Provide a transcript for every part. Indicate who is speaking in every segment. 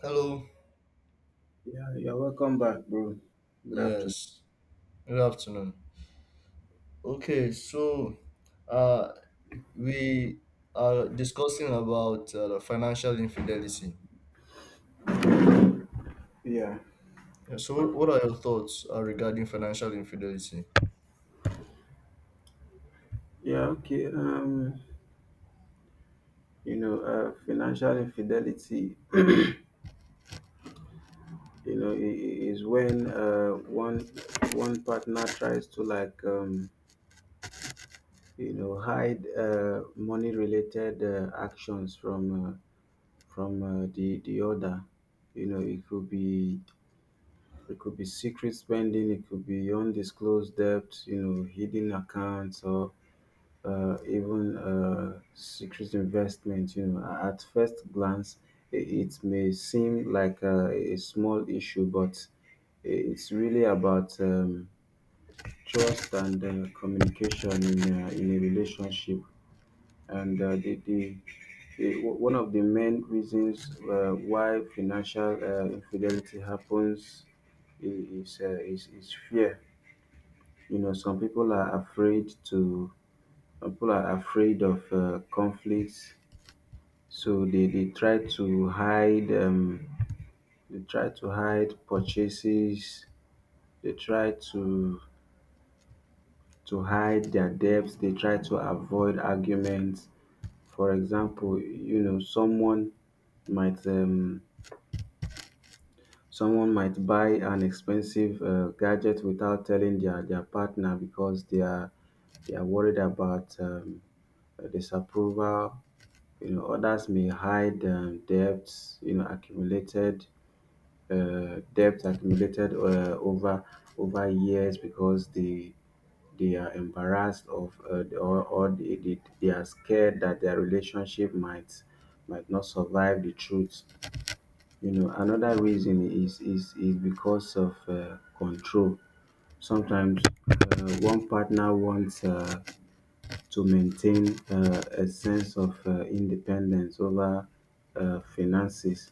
Speaker 1: Hello.
Speaker 2: Yeah, you're welcome back, bro. Good afternoon.
Speaker 1: Yes. Good afternoon. Okay, so uh, we are discussing about the financial infidelity.
Speaker 2: Yeah,
Speaker 1: Yeah, so, what are your thoughts regarding financial infidelity?
Speaker 2: yeah, okay. Financial infidelity, is when one one partner tries to like you know hide money-related actions from the other. It could be secret spending, it could be undisclosed debt, hidden accounts, or even secret investment. At first glance, it may seem like a small issue, but it's really about trust and communication in a relationship. And the one of the main reasons why financial infidelity happens is fear. Some people are afraid to some people are afraid of conflicts. So they try to hide they try to hide purchases, they try to hide their debts, they try to avoid arguments. For example, someone might um might buy an expensive gadget without telling their partner because they are worried about disapproval. Others may hide debts, accumulated debt accumulated over years because they are embarrassed of, or they are scared that their relationship might not survive the truth. Another reason is because of control. Sometimes one partner wants to maintain a sense of independence over finances,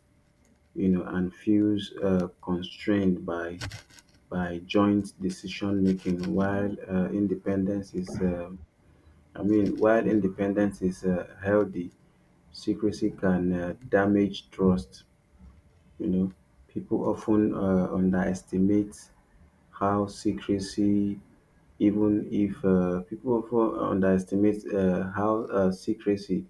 Speaker 2: and feels constrained by joint decision making. While independence is I mean while independence is healthy, secrecy can damage trust. You know people often underestimate how secrecy even if people often underestimate how secrecy,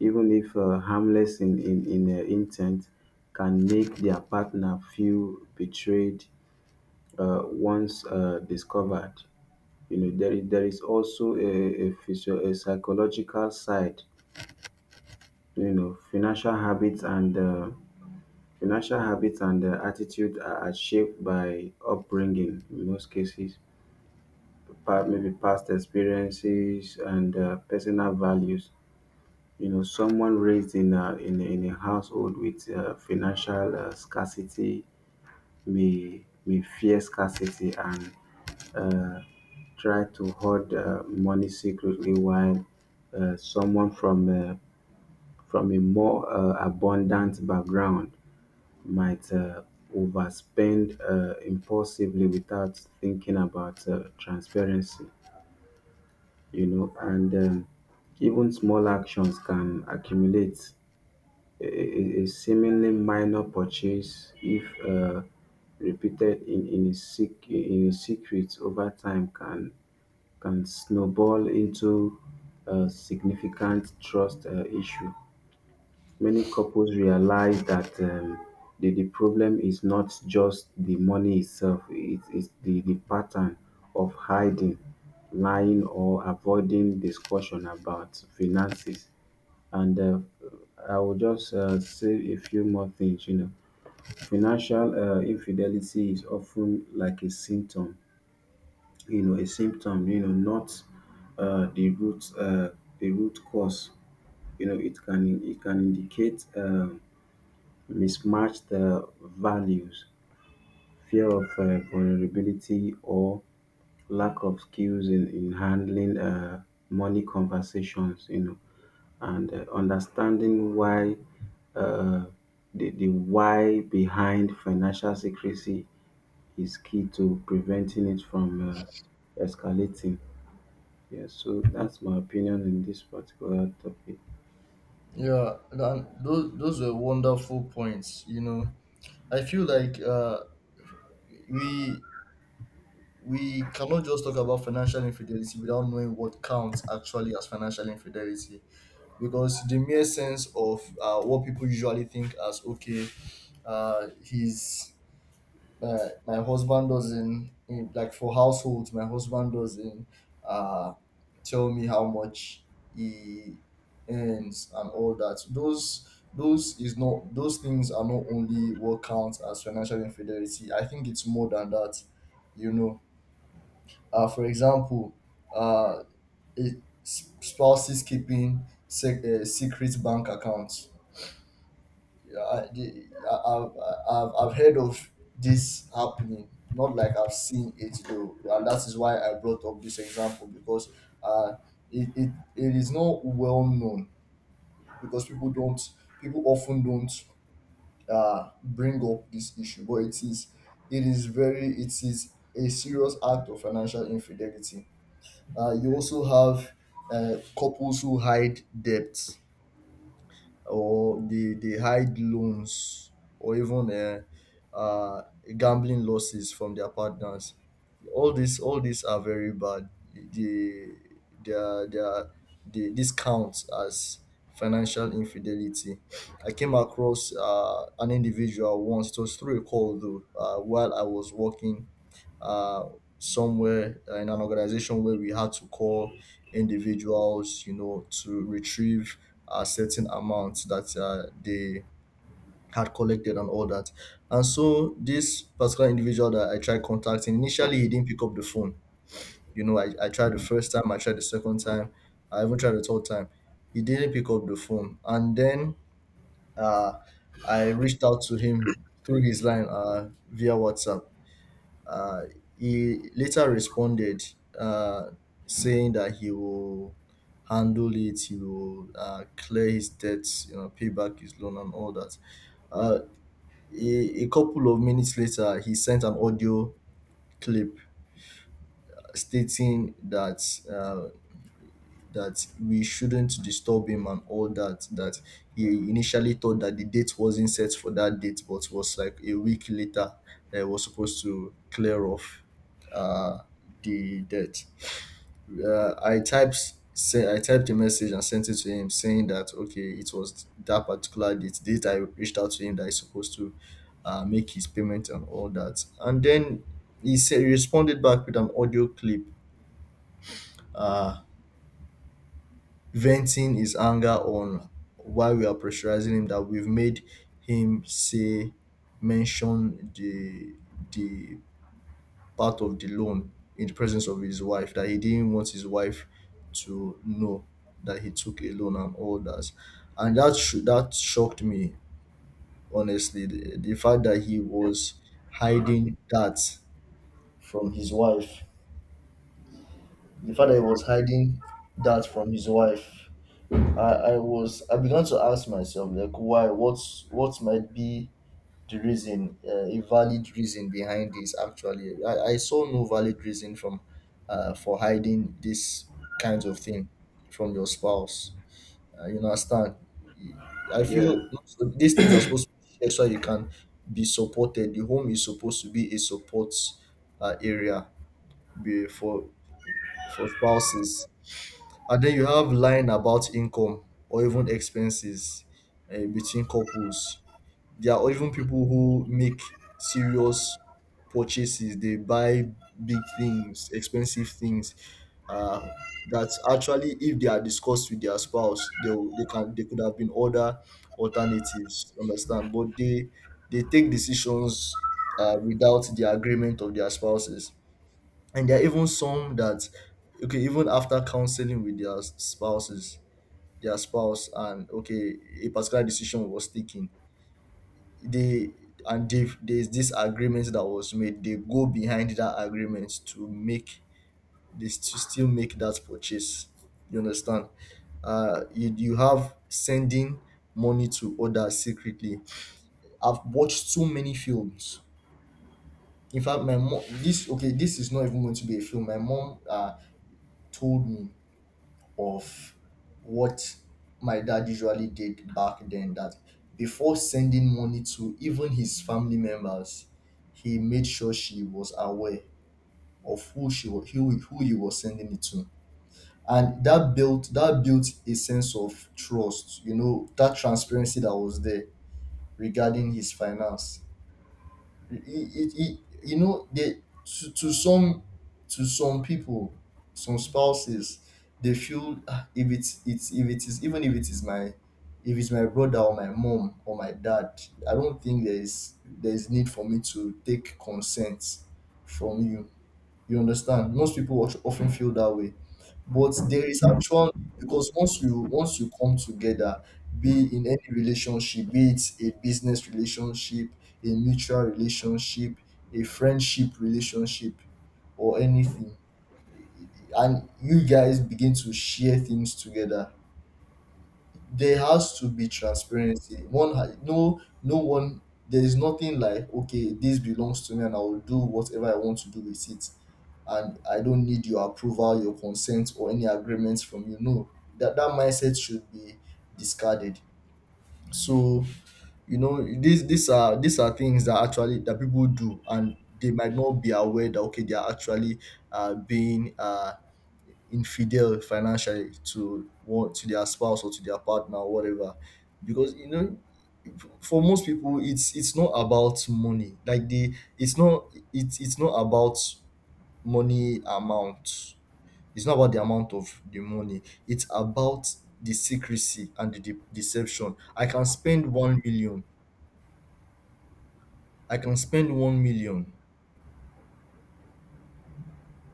Speaker 2: even if harmless in intent, can make their partner feel betrayed once discovered. There is also a psychological side. you know financial habits and uh, Financial habits and attitude are shaped by upbringing in most cases, maybe past experiences and personal values. Someone raised in a in a household with financial scarcity may fear scarcity and uh, try to hoard money secretly, while someone from a more abundant background might overspend impulsively without thinking about transparency. You know and Even small actions can accumulate. A seemingly minor purchase, if uh, repeated in in a secret over time, can snowball into a significant trust issue. Many couples realize that the problem is not just the money itself; it is the pattern of hiding, lying, or avoiding discussion about finances. And I will just say a few more things. Financial infidelity is often like a symptom, a symptom, not uh, the root uh, the root cause. It can indicate mismatched values, fear of vulnerability, or lack of skills in handling money conversations. You know, and Understanding why uh, the why behind financial secrecy is key to preventing it from escalating. Yes, so that's my opinion in this particular topic.
Speaker 1: Yeah, and those were wonderful points. You know, I feel like we we cannot just talk about financial infidelity without knowing what counts actually as financial infidelity, because the mere sense of what people usually think as okay, he's my husband doesn't in, like for households. My husband doesn't uh, tell me how much he earns and all that. Those things are not only what counts as financial infidelity. I think it's more than that. You know, for example, uh, spouses keeping secret bank accounts. I, the- I- I've heard of this happening, not like I've seen it though, and that is why I brought up this example because uh, it is not well known because people often don't bring up this issue, but it is very it is a serious act of financial infidelity. You also have couples who hide debts or the high loans or even uh, gambling losses from their partners. All these are very bad. The they are, they, are, they this counts as financial infidelity. I came across an individual once. It was through a call though, while I was working uh, somewhere in an organization where we had to call individuals, you know, to retrieve a certain amount that they had collected and all that. And so this particular individual that I tried contacting, initially he didn't pick up the phone. You know, I tried the first time, I tried the second time, I even tried the third time. He didn't pick up the phone. And then uh, I reached out to him through his line via WhatsApp. uh, he later responded, uh, saying that he will handle it, he will clear his debts, you know, pay back his loan and all that. Uh, a couple of minutes later, he sent an audio clip stating that uh, that we shouldn't disturb him and all that, that he initially thought that the date wasn't set for that date but was like a week later that it was supposed to clear off uh, the debt. uh, I typed I typed a message and sent it to him saying that okay it was that particular date I reached out to him that he's supposed to make his payment and all that, and then he responded back with an audio clip, uh, venting his anger on why we are pressurizing him, that we've made him say mention the part of the loan in the presence of his wife, that he didn't want his wife to know that he took a loan and all that. And that should that shocked me honestly, the fact that he was hiding that from his wife, the fact that he was hiding that from his wife. I began to ask myself like why, what's what might be the reason, a valid reason behind this. Actually, I saw no valid reason from for hiding this kind of thing from your spouse. You understand? I feel these things are supposed to be shared so you can be supported. The home is supposed to be a support area be- for for spouses. And then you have line about income or even expenses between couples. There are even people who make serious purchases. They buy big things, expensive things. Uh, that actually, if they are discussed with their spouse, they will- they can they could have been other alternatives. You understand? But they take decisions without the agreement of their spouses. And there are even some that okay, even after counseling with their spouses, their spouse, and okay, a particular decision was taken, they and if there's this agreement that was made, they go behind that agreement to make this to still make that purchase. You understand? You have sending money to others secretly. I've watched so many films. In fact, my mom, this okay this is not even going to be a film. My mom told me of what my dad usually did back then, that before sending money to even his family members, he made sure she was aware of who she was, who he was sending it to. And that built a sense of trust, you know, that transparency that was there regarding his finance. It You know, to some, to some people, some spouses, they feel, "Ah, if it's it's if it is even if it is my, if it's my brother or my mom or my dad, I don't think there is need for me to take consent from you." You understand? Often feel that way, but there is actual, because once you come together, be in any relationship, be it a business relationship, a mutual relationship, a friendship relationship, or anything, and you guys begin to share things together, there has to be transparency. One, ha- no, No one. There is nothing like okay, this belongs to me, and I will do whatever I want to do with it, and I don't need your approval, your consent, or any agreements from you. No, that mindset should be discarded. So you know, these are things that actually that people do, and they might not be aware that okay, they are actually being infidel financially to what, to their spouse or to their partner or whatever. Because you know, for most people, it's not about money, like they it's not it's it's not about money amount, it's not about the amount of the money, it's about the secrecy and the deception. I can spend one million, I can spend one million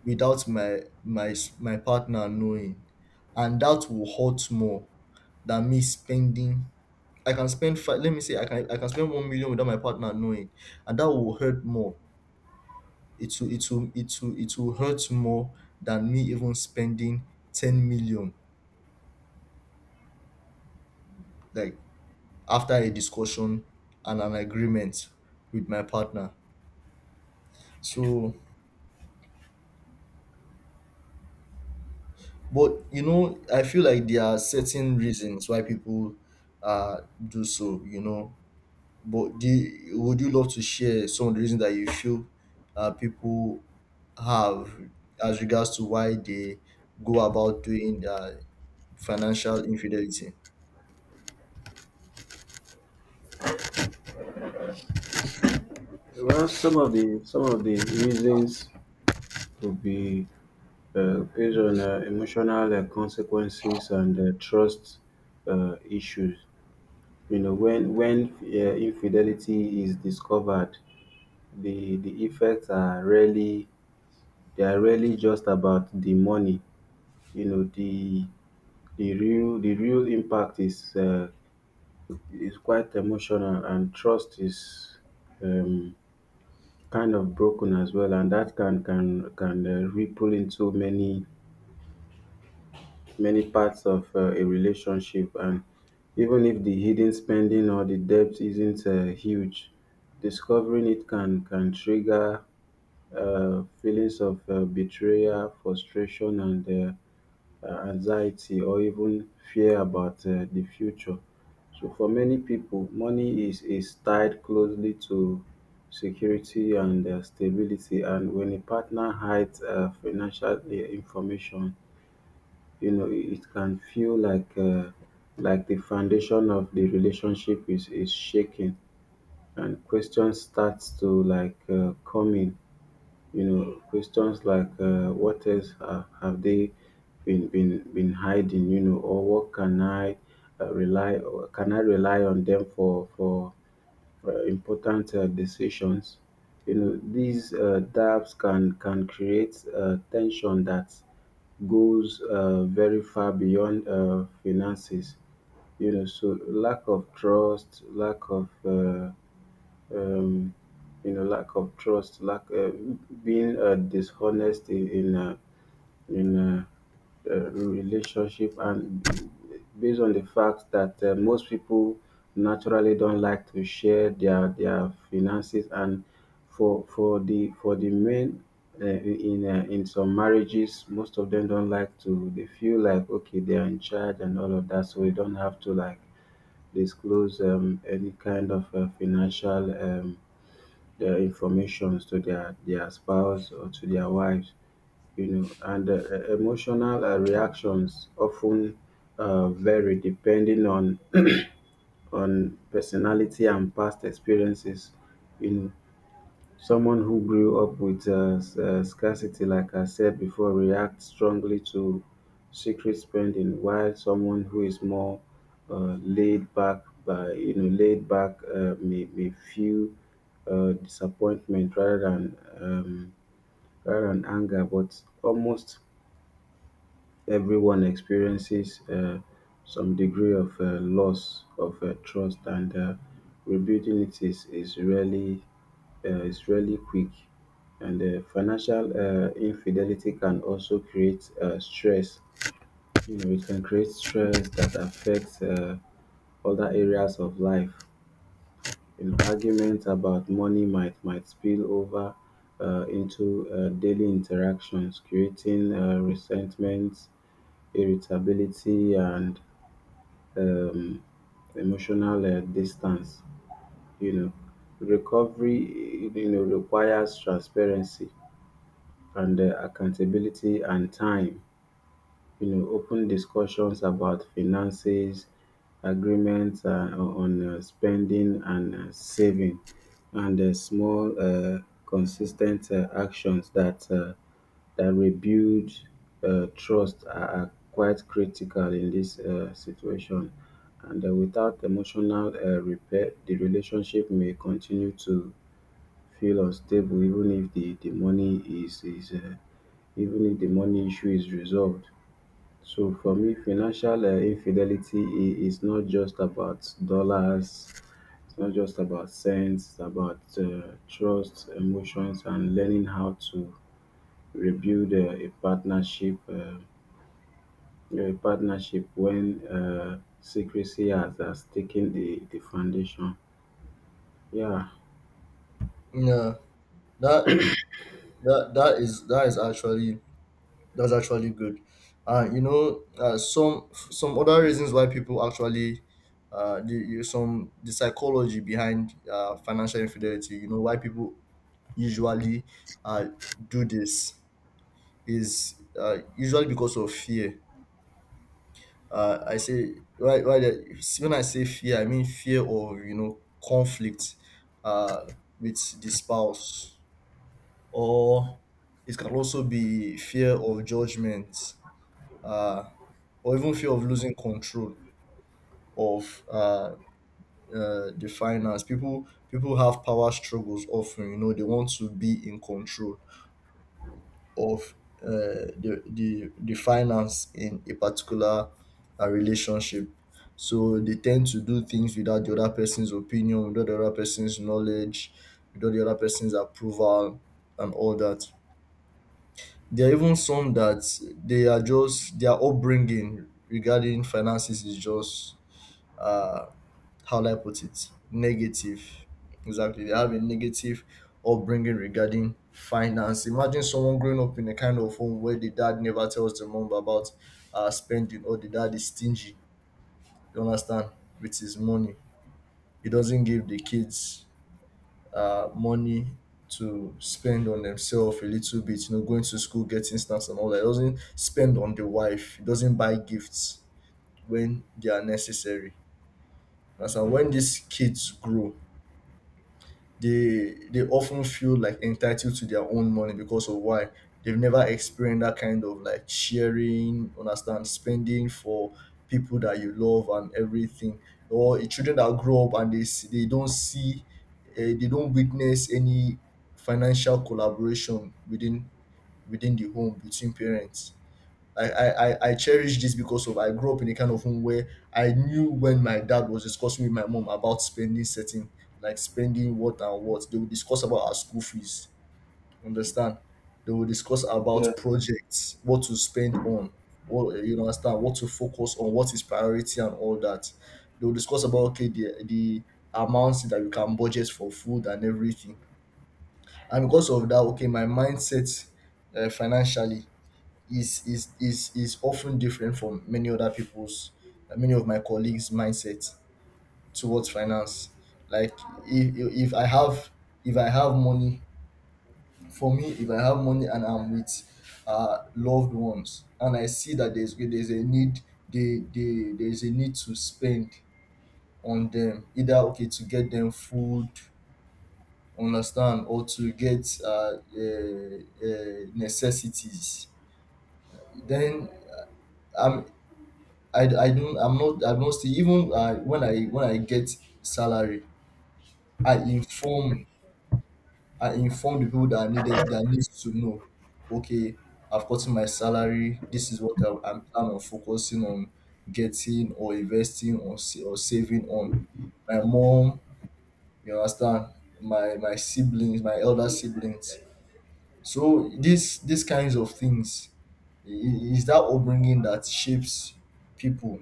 Speaker 1: without my partner knowing, and that will hurt more than me spending— I can spend five. Let me say, I can spend 1 million without my partner knowing, and that will hurt more. It will it will hurt more than me even spending 10 million. Like after a discussion and an agreement with my partner. So, but you know, I feel like there are certain reasons why people uh do so. You know, but would you love to share some of the reasons that you feel people have as regards to why they go about doing financial infidelity?
Speaker 2: Well, some of the reasons could be based on emotional consequences and trust issues. When infidelity is discovered, the effects are really, they are really just about the money. You know, the the real impact is quite emotional, and trust is, Um, kind of, broken as well, and that can ripple into many parts of a relationship. And even if the hidden spending or the debt isn't huge, discovering it can trigger feelings of betrayal, frustration, and anxiety, or even fear about the future. So for many people, money is tied closely to security and stability. And when a partner hides financial information, it can feel like the foundation of the relationship is shaking, and questions starts to like come in. Questions like what else have they been hiding? Or what can I rely or can I rely on them for important decisions? These doubts can create tension that goes very far beyond finances. So lack of trust, lack of um, you know, lack of trust, lack being dishonest in relationship, and based on the fact that most people naturally don't like to share their finances, and for the men in some marriages, most of them don't like to. They feel like, okay, they are in charge and all of that, so they don't have to like disclose any kind of financial, the informations to their spouse or to their wives. Emotional reactions often vary depending on on personality and past experiences. You know. Someone who grew up with scarcity, like I said before, reacts strongly to secret spending, while someone who is more laid back, may feel disappointment rather than anger. But almost everyone experiences some degree of loss of trust, and rebuilding it is really quick. And financial infidelity can also create stress. It can create stress that affects other areas of life. Arguments about money might spill over into daily interactions, creating resentment, irritability, and um, emotional distance. You know, recovery requires transparency and accountability and time. Open discussions about finances, agreements on spending and saving, and small, consistent actions that rebuild trust are quite critical in this situation. And without emotional repair, the relationship may continue to feel unstable, even if the, the money is even if the money issue is resolved. So for me, financial infidelity is not just about dollars. It's not just about cents. It's about trust, emotions, and learning how to rebuild a partnership. A partnership when secrecy has taken the foundation. Yeah.
Speaker 1: Yeah, that that that is actually, that's actually good. You know, some other reasons why people actually, the, you- some the psychology behind financial infidelity. You know why people usually uh, do this is usually because of fear. I say right. When I say fear, I mean fear of, you know, conflict uh, with the spouse, or it can also be fear of judgment, uh, or even fear of losing control of the finance. People have power struggles often. You know, they want to be in control of the finance in a particular relationship, so they tend to do things without the other person's opinion, without the other person's knowledge, without the other person's approval, and all that. There are even some that they are just, their upbringing regarding finances is just uh how will I put it? Negative. Exactly. They have a negative upbringing regarding finance. Imagine someone growing up in a kind of home where the dad never tells the mom about spending, or the dad is stingy, you understand, with his money. He doesn't give the kids money to spend on themselves a little bit, you know, going to school, getting snacks and all that. He doesn't spend on the wife, he doesn't buy gifts when they are necessary. And so when these kids grow, they often feel like entitled to their own money because of why? They've never experienced that kind of like sharing, understand, spending for people that you love and everything. Or the children that grow up and they don't see, they don't witness any financial collaboration within within the home between parents. I cherish this because of, I grew up in a kind of home where I knew when my dad was discussing with my mom about spending certain, like spending what and what. They would discuss about our school fees. Understand? They will discuss
Speaker 2: Yeah,
Speaker 1: about projects, what to spend on, what, you understand, what to focus on, what is priority and all that. They will discuss about, okay, the amounts that you can budget for food and everything. And because of that, okay, my mindset, financially, is often different from many other people's, many of my colleagues' mindset towards finance. Like if, if i have if I have money, for me, if I have money and I'm with loved ones, and I see that there's a need, they there's a need to spend on them, either, okay, to get them food, understand, or to get necessities, then um, I don't see, even when I get salary, I inform I inform the people that I needed that needs to know, okay, I've gotten my salary, this is what I'm planning on focusing on, getting or investing, or saving on, my mom, you understand, my siblings, my elder siblings. So these kinds of things, is that upbringing that shapes people.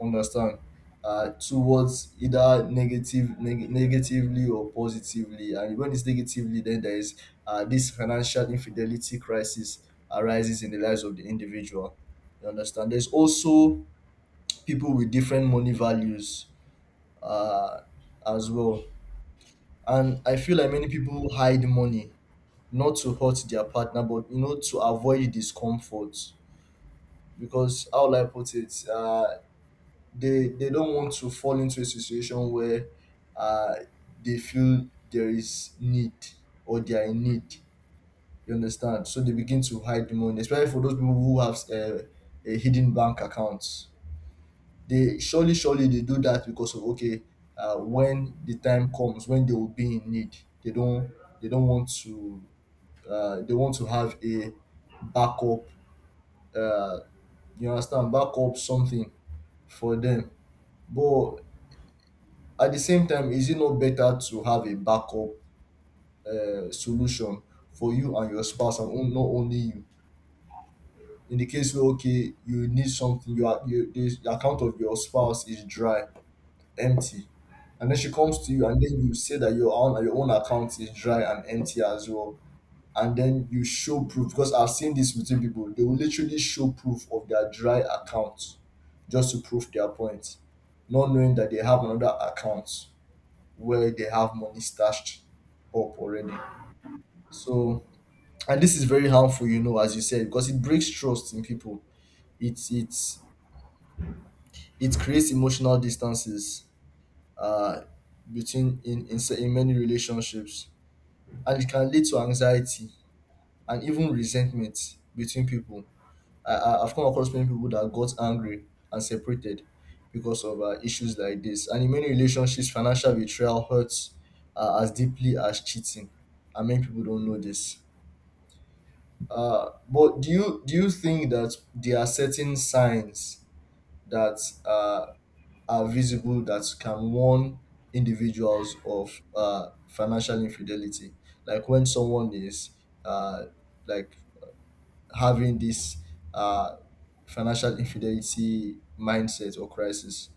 Speaker 1: Understand, towards either negatively or positively. And when it's negatively, then there is this financial infidelity crisis arises in the lives of the individual. You understand? There's also people with different money values, uh, as well, and I feel like many people hide money not to hurt their partner, but you know, to avoid discomfort. Because how will I put it? They don't want to fall into a situation where uh, they feel there is need or they are in need. You understand? So they begin to hide the money, especially for those people who have a hidden bank account. They surely, surely They do that because of, okay, when the time comes, when they will be in need, they don't they don't want to, they want to have a backup, uh, you understand, backup something for them. But at the same time, is it not better to have a backup, solution for you and your spouse, and not only you, in the case where, okay, you need something. Your are, you the account of your spouse is dry, empty, and then she comes to you, and then you say that your own account is dry and empty as well, and then you show proof, because I've seen this within people. They will literally show proof of their dry account just to prove their point, not knowing that they have another account where they have money stashed up already. So, and this is very harmful, you know, as you said, because it breaks trust in people. It's it's it creates emotional distances, uh, between, in many relationships, and it can lead to anxiety and even resentment between people. I've come across many people that got angry and separated because of issues like this. And in many relationships, financial betrayal hurts as deeply as cheating, and many people don't know this. But do you think that there are certain signs that uh, are visible that can warn individuals of financial infidelity, like when someone is, uh, like, having this uh, financial infidelity mindset or crisis?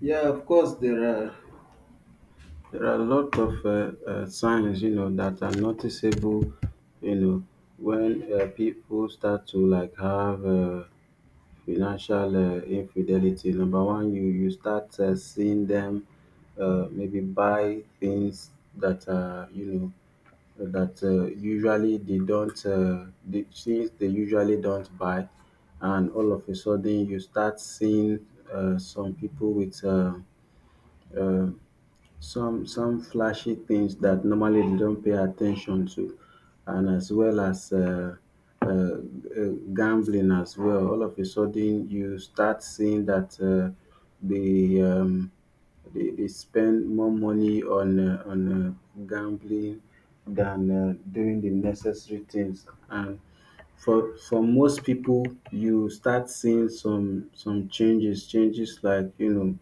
Speaker 2: yeah, of course there are. There are a lot of signs, that are noticeable, you know, when people start to like have financial infidelity. Number one, you start seeing them maybe buy things that are, you know, that usually they don't, the things they usually don't buy, and all of a sudden you start seeing some people with. Uh, some flashy things that normally they don't pay attention to, and as well as gambling as well. All of a sudden, you start seeing that they, um, they spend more money on gambling than doing the necessary things. And for most people, you start seeing some changes, changes like,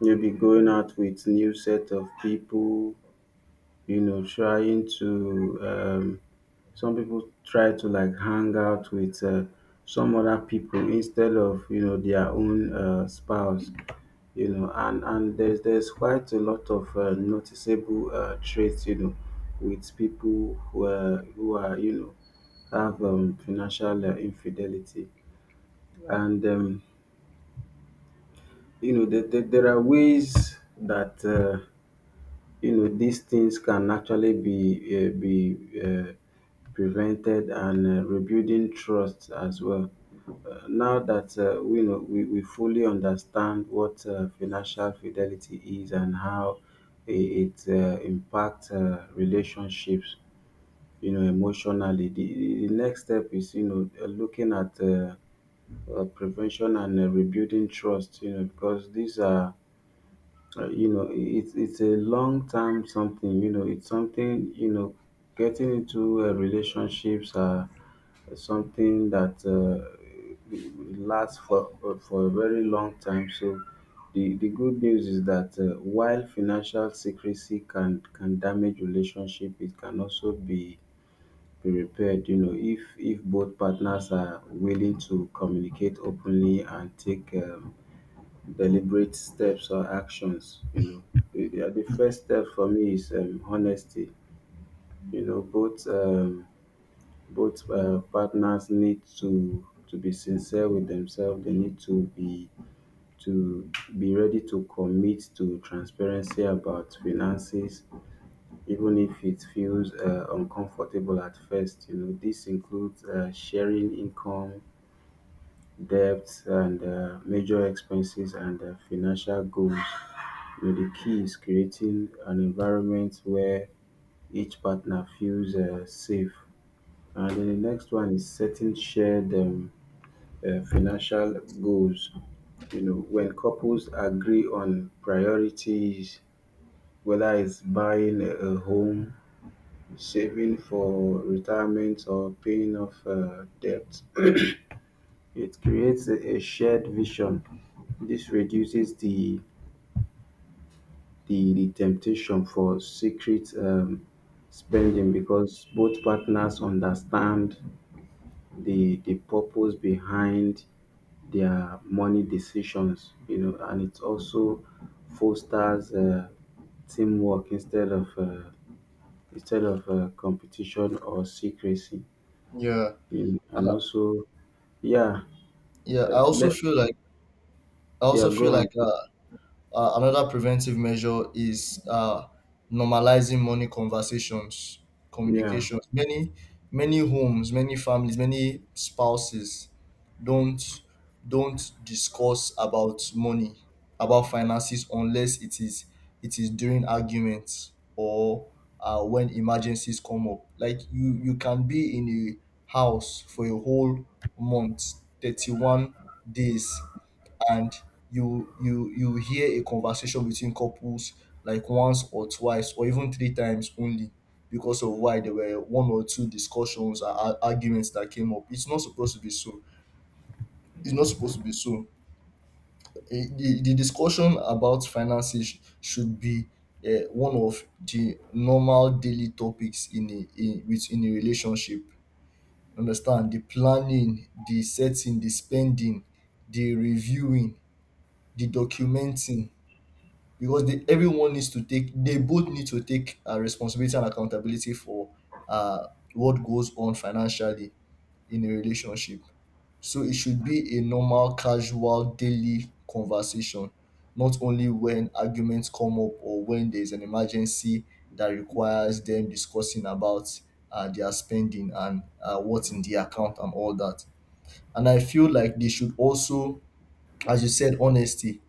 Speaker 2: maybe going out with new set of people, trying to some people try to like hang out with some other people instead of, their own spouse. You know and There's quite a lot of noticeable traits, with people who are you know have financial infidelity. Right. And there, there, there are ways that these things can actually be uh, be uh, prevented, and rebuilding trust as well. Now that we know, we fully understand what financial fidelity is and how it impacts relationships, emotionally. The next step is, looking at prevention and rebuilding trust. Because these are, it's a long term something, you know it's something you know getting into relationships are something that lasts for a very long time. So the good news is that while financial secrecy can damage relationship, it can also be repaired, if both partners are willing to communicate openly and take deliberate steps or actions. The the first step for me is honesty. You know both um, both uh, partners need to be sincere with themselves. They need to be ready to commit to transparency about finances, even if it feels uncomfortable at first. This includes sharing income, debts and major expenses and financial goals. The key is creating an environment where each partner feels safe. And then the next one is setting shared financial goals. When couples agree on priorities, whether it's buying a home, saving for retirement, or paying off debt, it creates a shared vision. This reduces the the temptation for secret spending, because both partners understand the purpose behind their money decisions. And it also fosters teamwork instead of competition or secrecy.
Speaker 1: Yeah.
Speaker 2: You know, and
Speaker 1: Uh,
Speaker 2: also, yeah,
Speaker 1: yeah,
Speaker 2: let
Speaker 1: I
Speaker 2: yeah
Speaker 1: also
Speaker 2: go
Speaker 1: feel
Speaker 2: on,
Speaker 1: like, another preventive measure is normalizing money conversations,
Speaker 2: Yeah.
Speaker 1: communications. Many homes, many families, many spouses don't don't discuss about money, about finances, unless it is during arguments or when emergencies come up. Like you can be in a house for a whole month, 31 days, and you hear a conversation between couples like once or twice or even three times only, because of why there were one or two discussions or arguments that came up. It's not supposed to be so. It's not supposed to be so. The discussion about finances should be one of the normal daily topics, within a relationship, understand, the planning, the setting, the spending, the reviewing, the documenting, because they both need to take responsibility and accountability for uh, what goes on financially in a relationship. So it should be a normal, casual, daily conversation, not only when arguments come up or when there's an emergency that requires them discussing about their spending and what's in the account and all that. And I feel like they should also, as you said, honesty,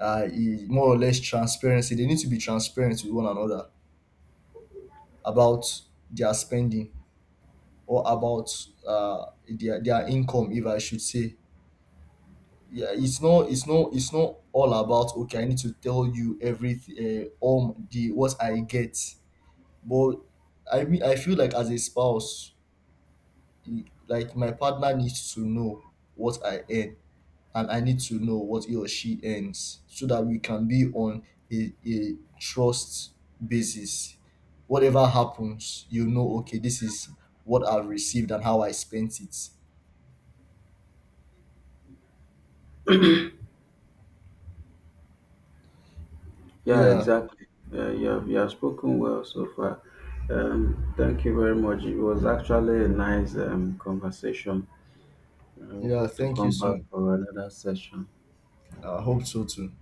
Speaker 1: is more or less transparency. They need to be transparent with one another about their spending or about their income, if I should say. Yeah, it's not all about, okay, I need to tell you everything, the what I get. But I mean, I feel like as a spouse, like, my partner needs to know what I earn, and I need to know what he or she earns, so that we can be on a trust basis. Whatever happens, you know, okay, this is what I've received and how I spent it.
Speaker 2: Yeah,
Speaker 1: Yeah,
Speaker 2: exactly. Yeah, you have spoken well so far. Thank you very much. It was actually a nice conversation. I
Speaker 1: yeah,
Speaker 2: hope to
Speaker 1: thank you
Speaker 2: come back
Speaker 1: soon.
Speaker 2: for another session.
Speaker 1: I hope so too.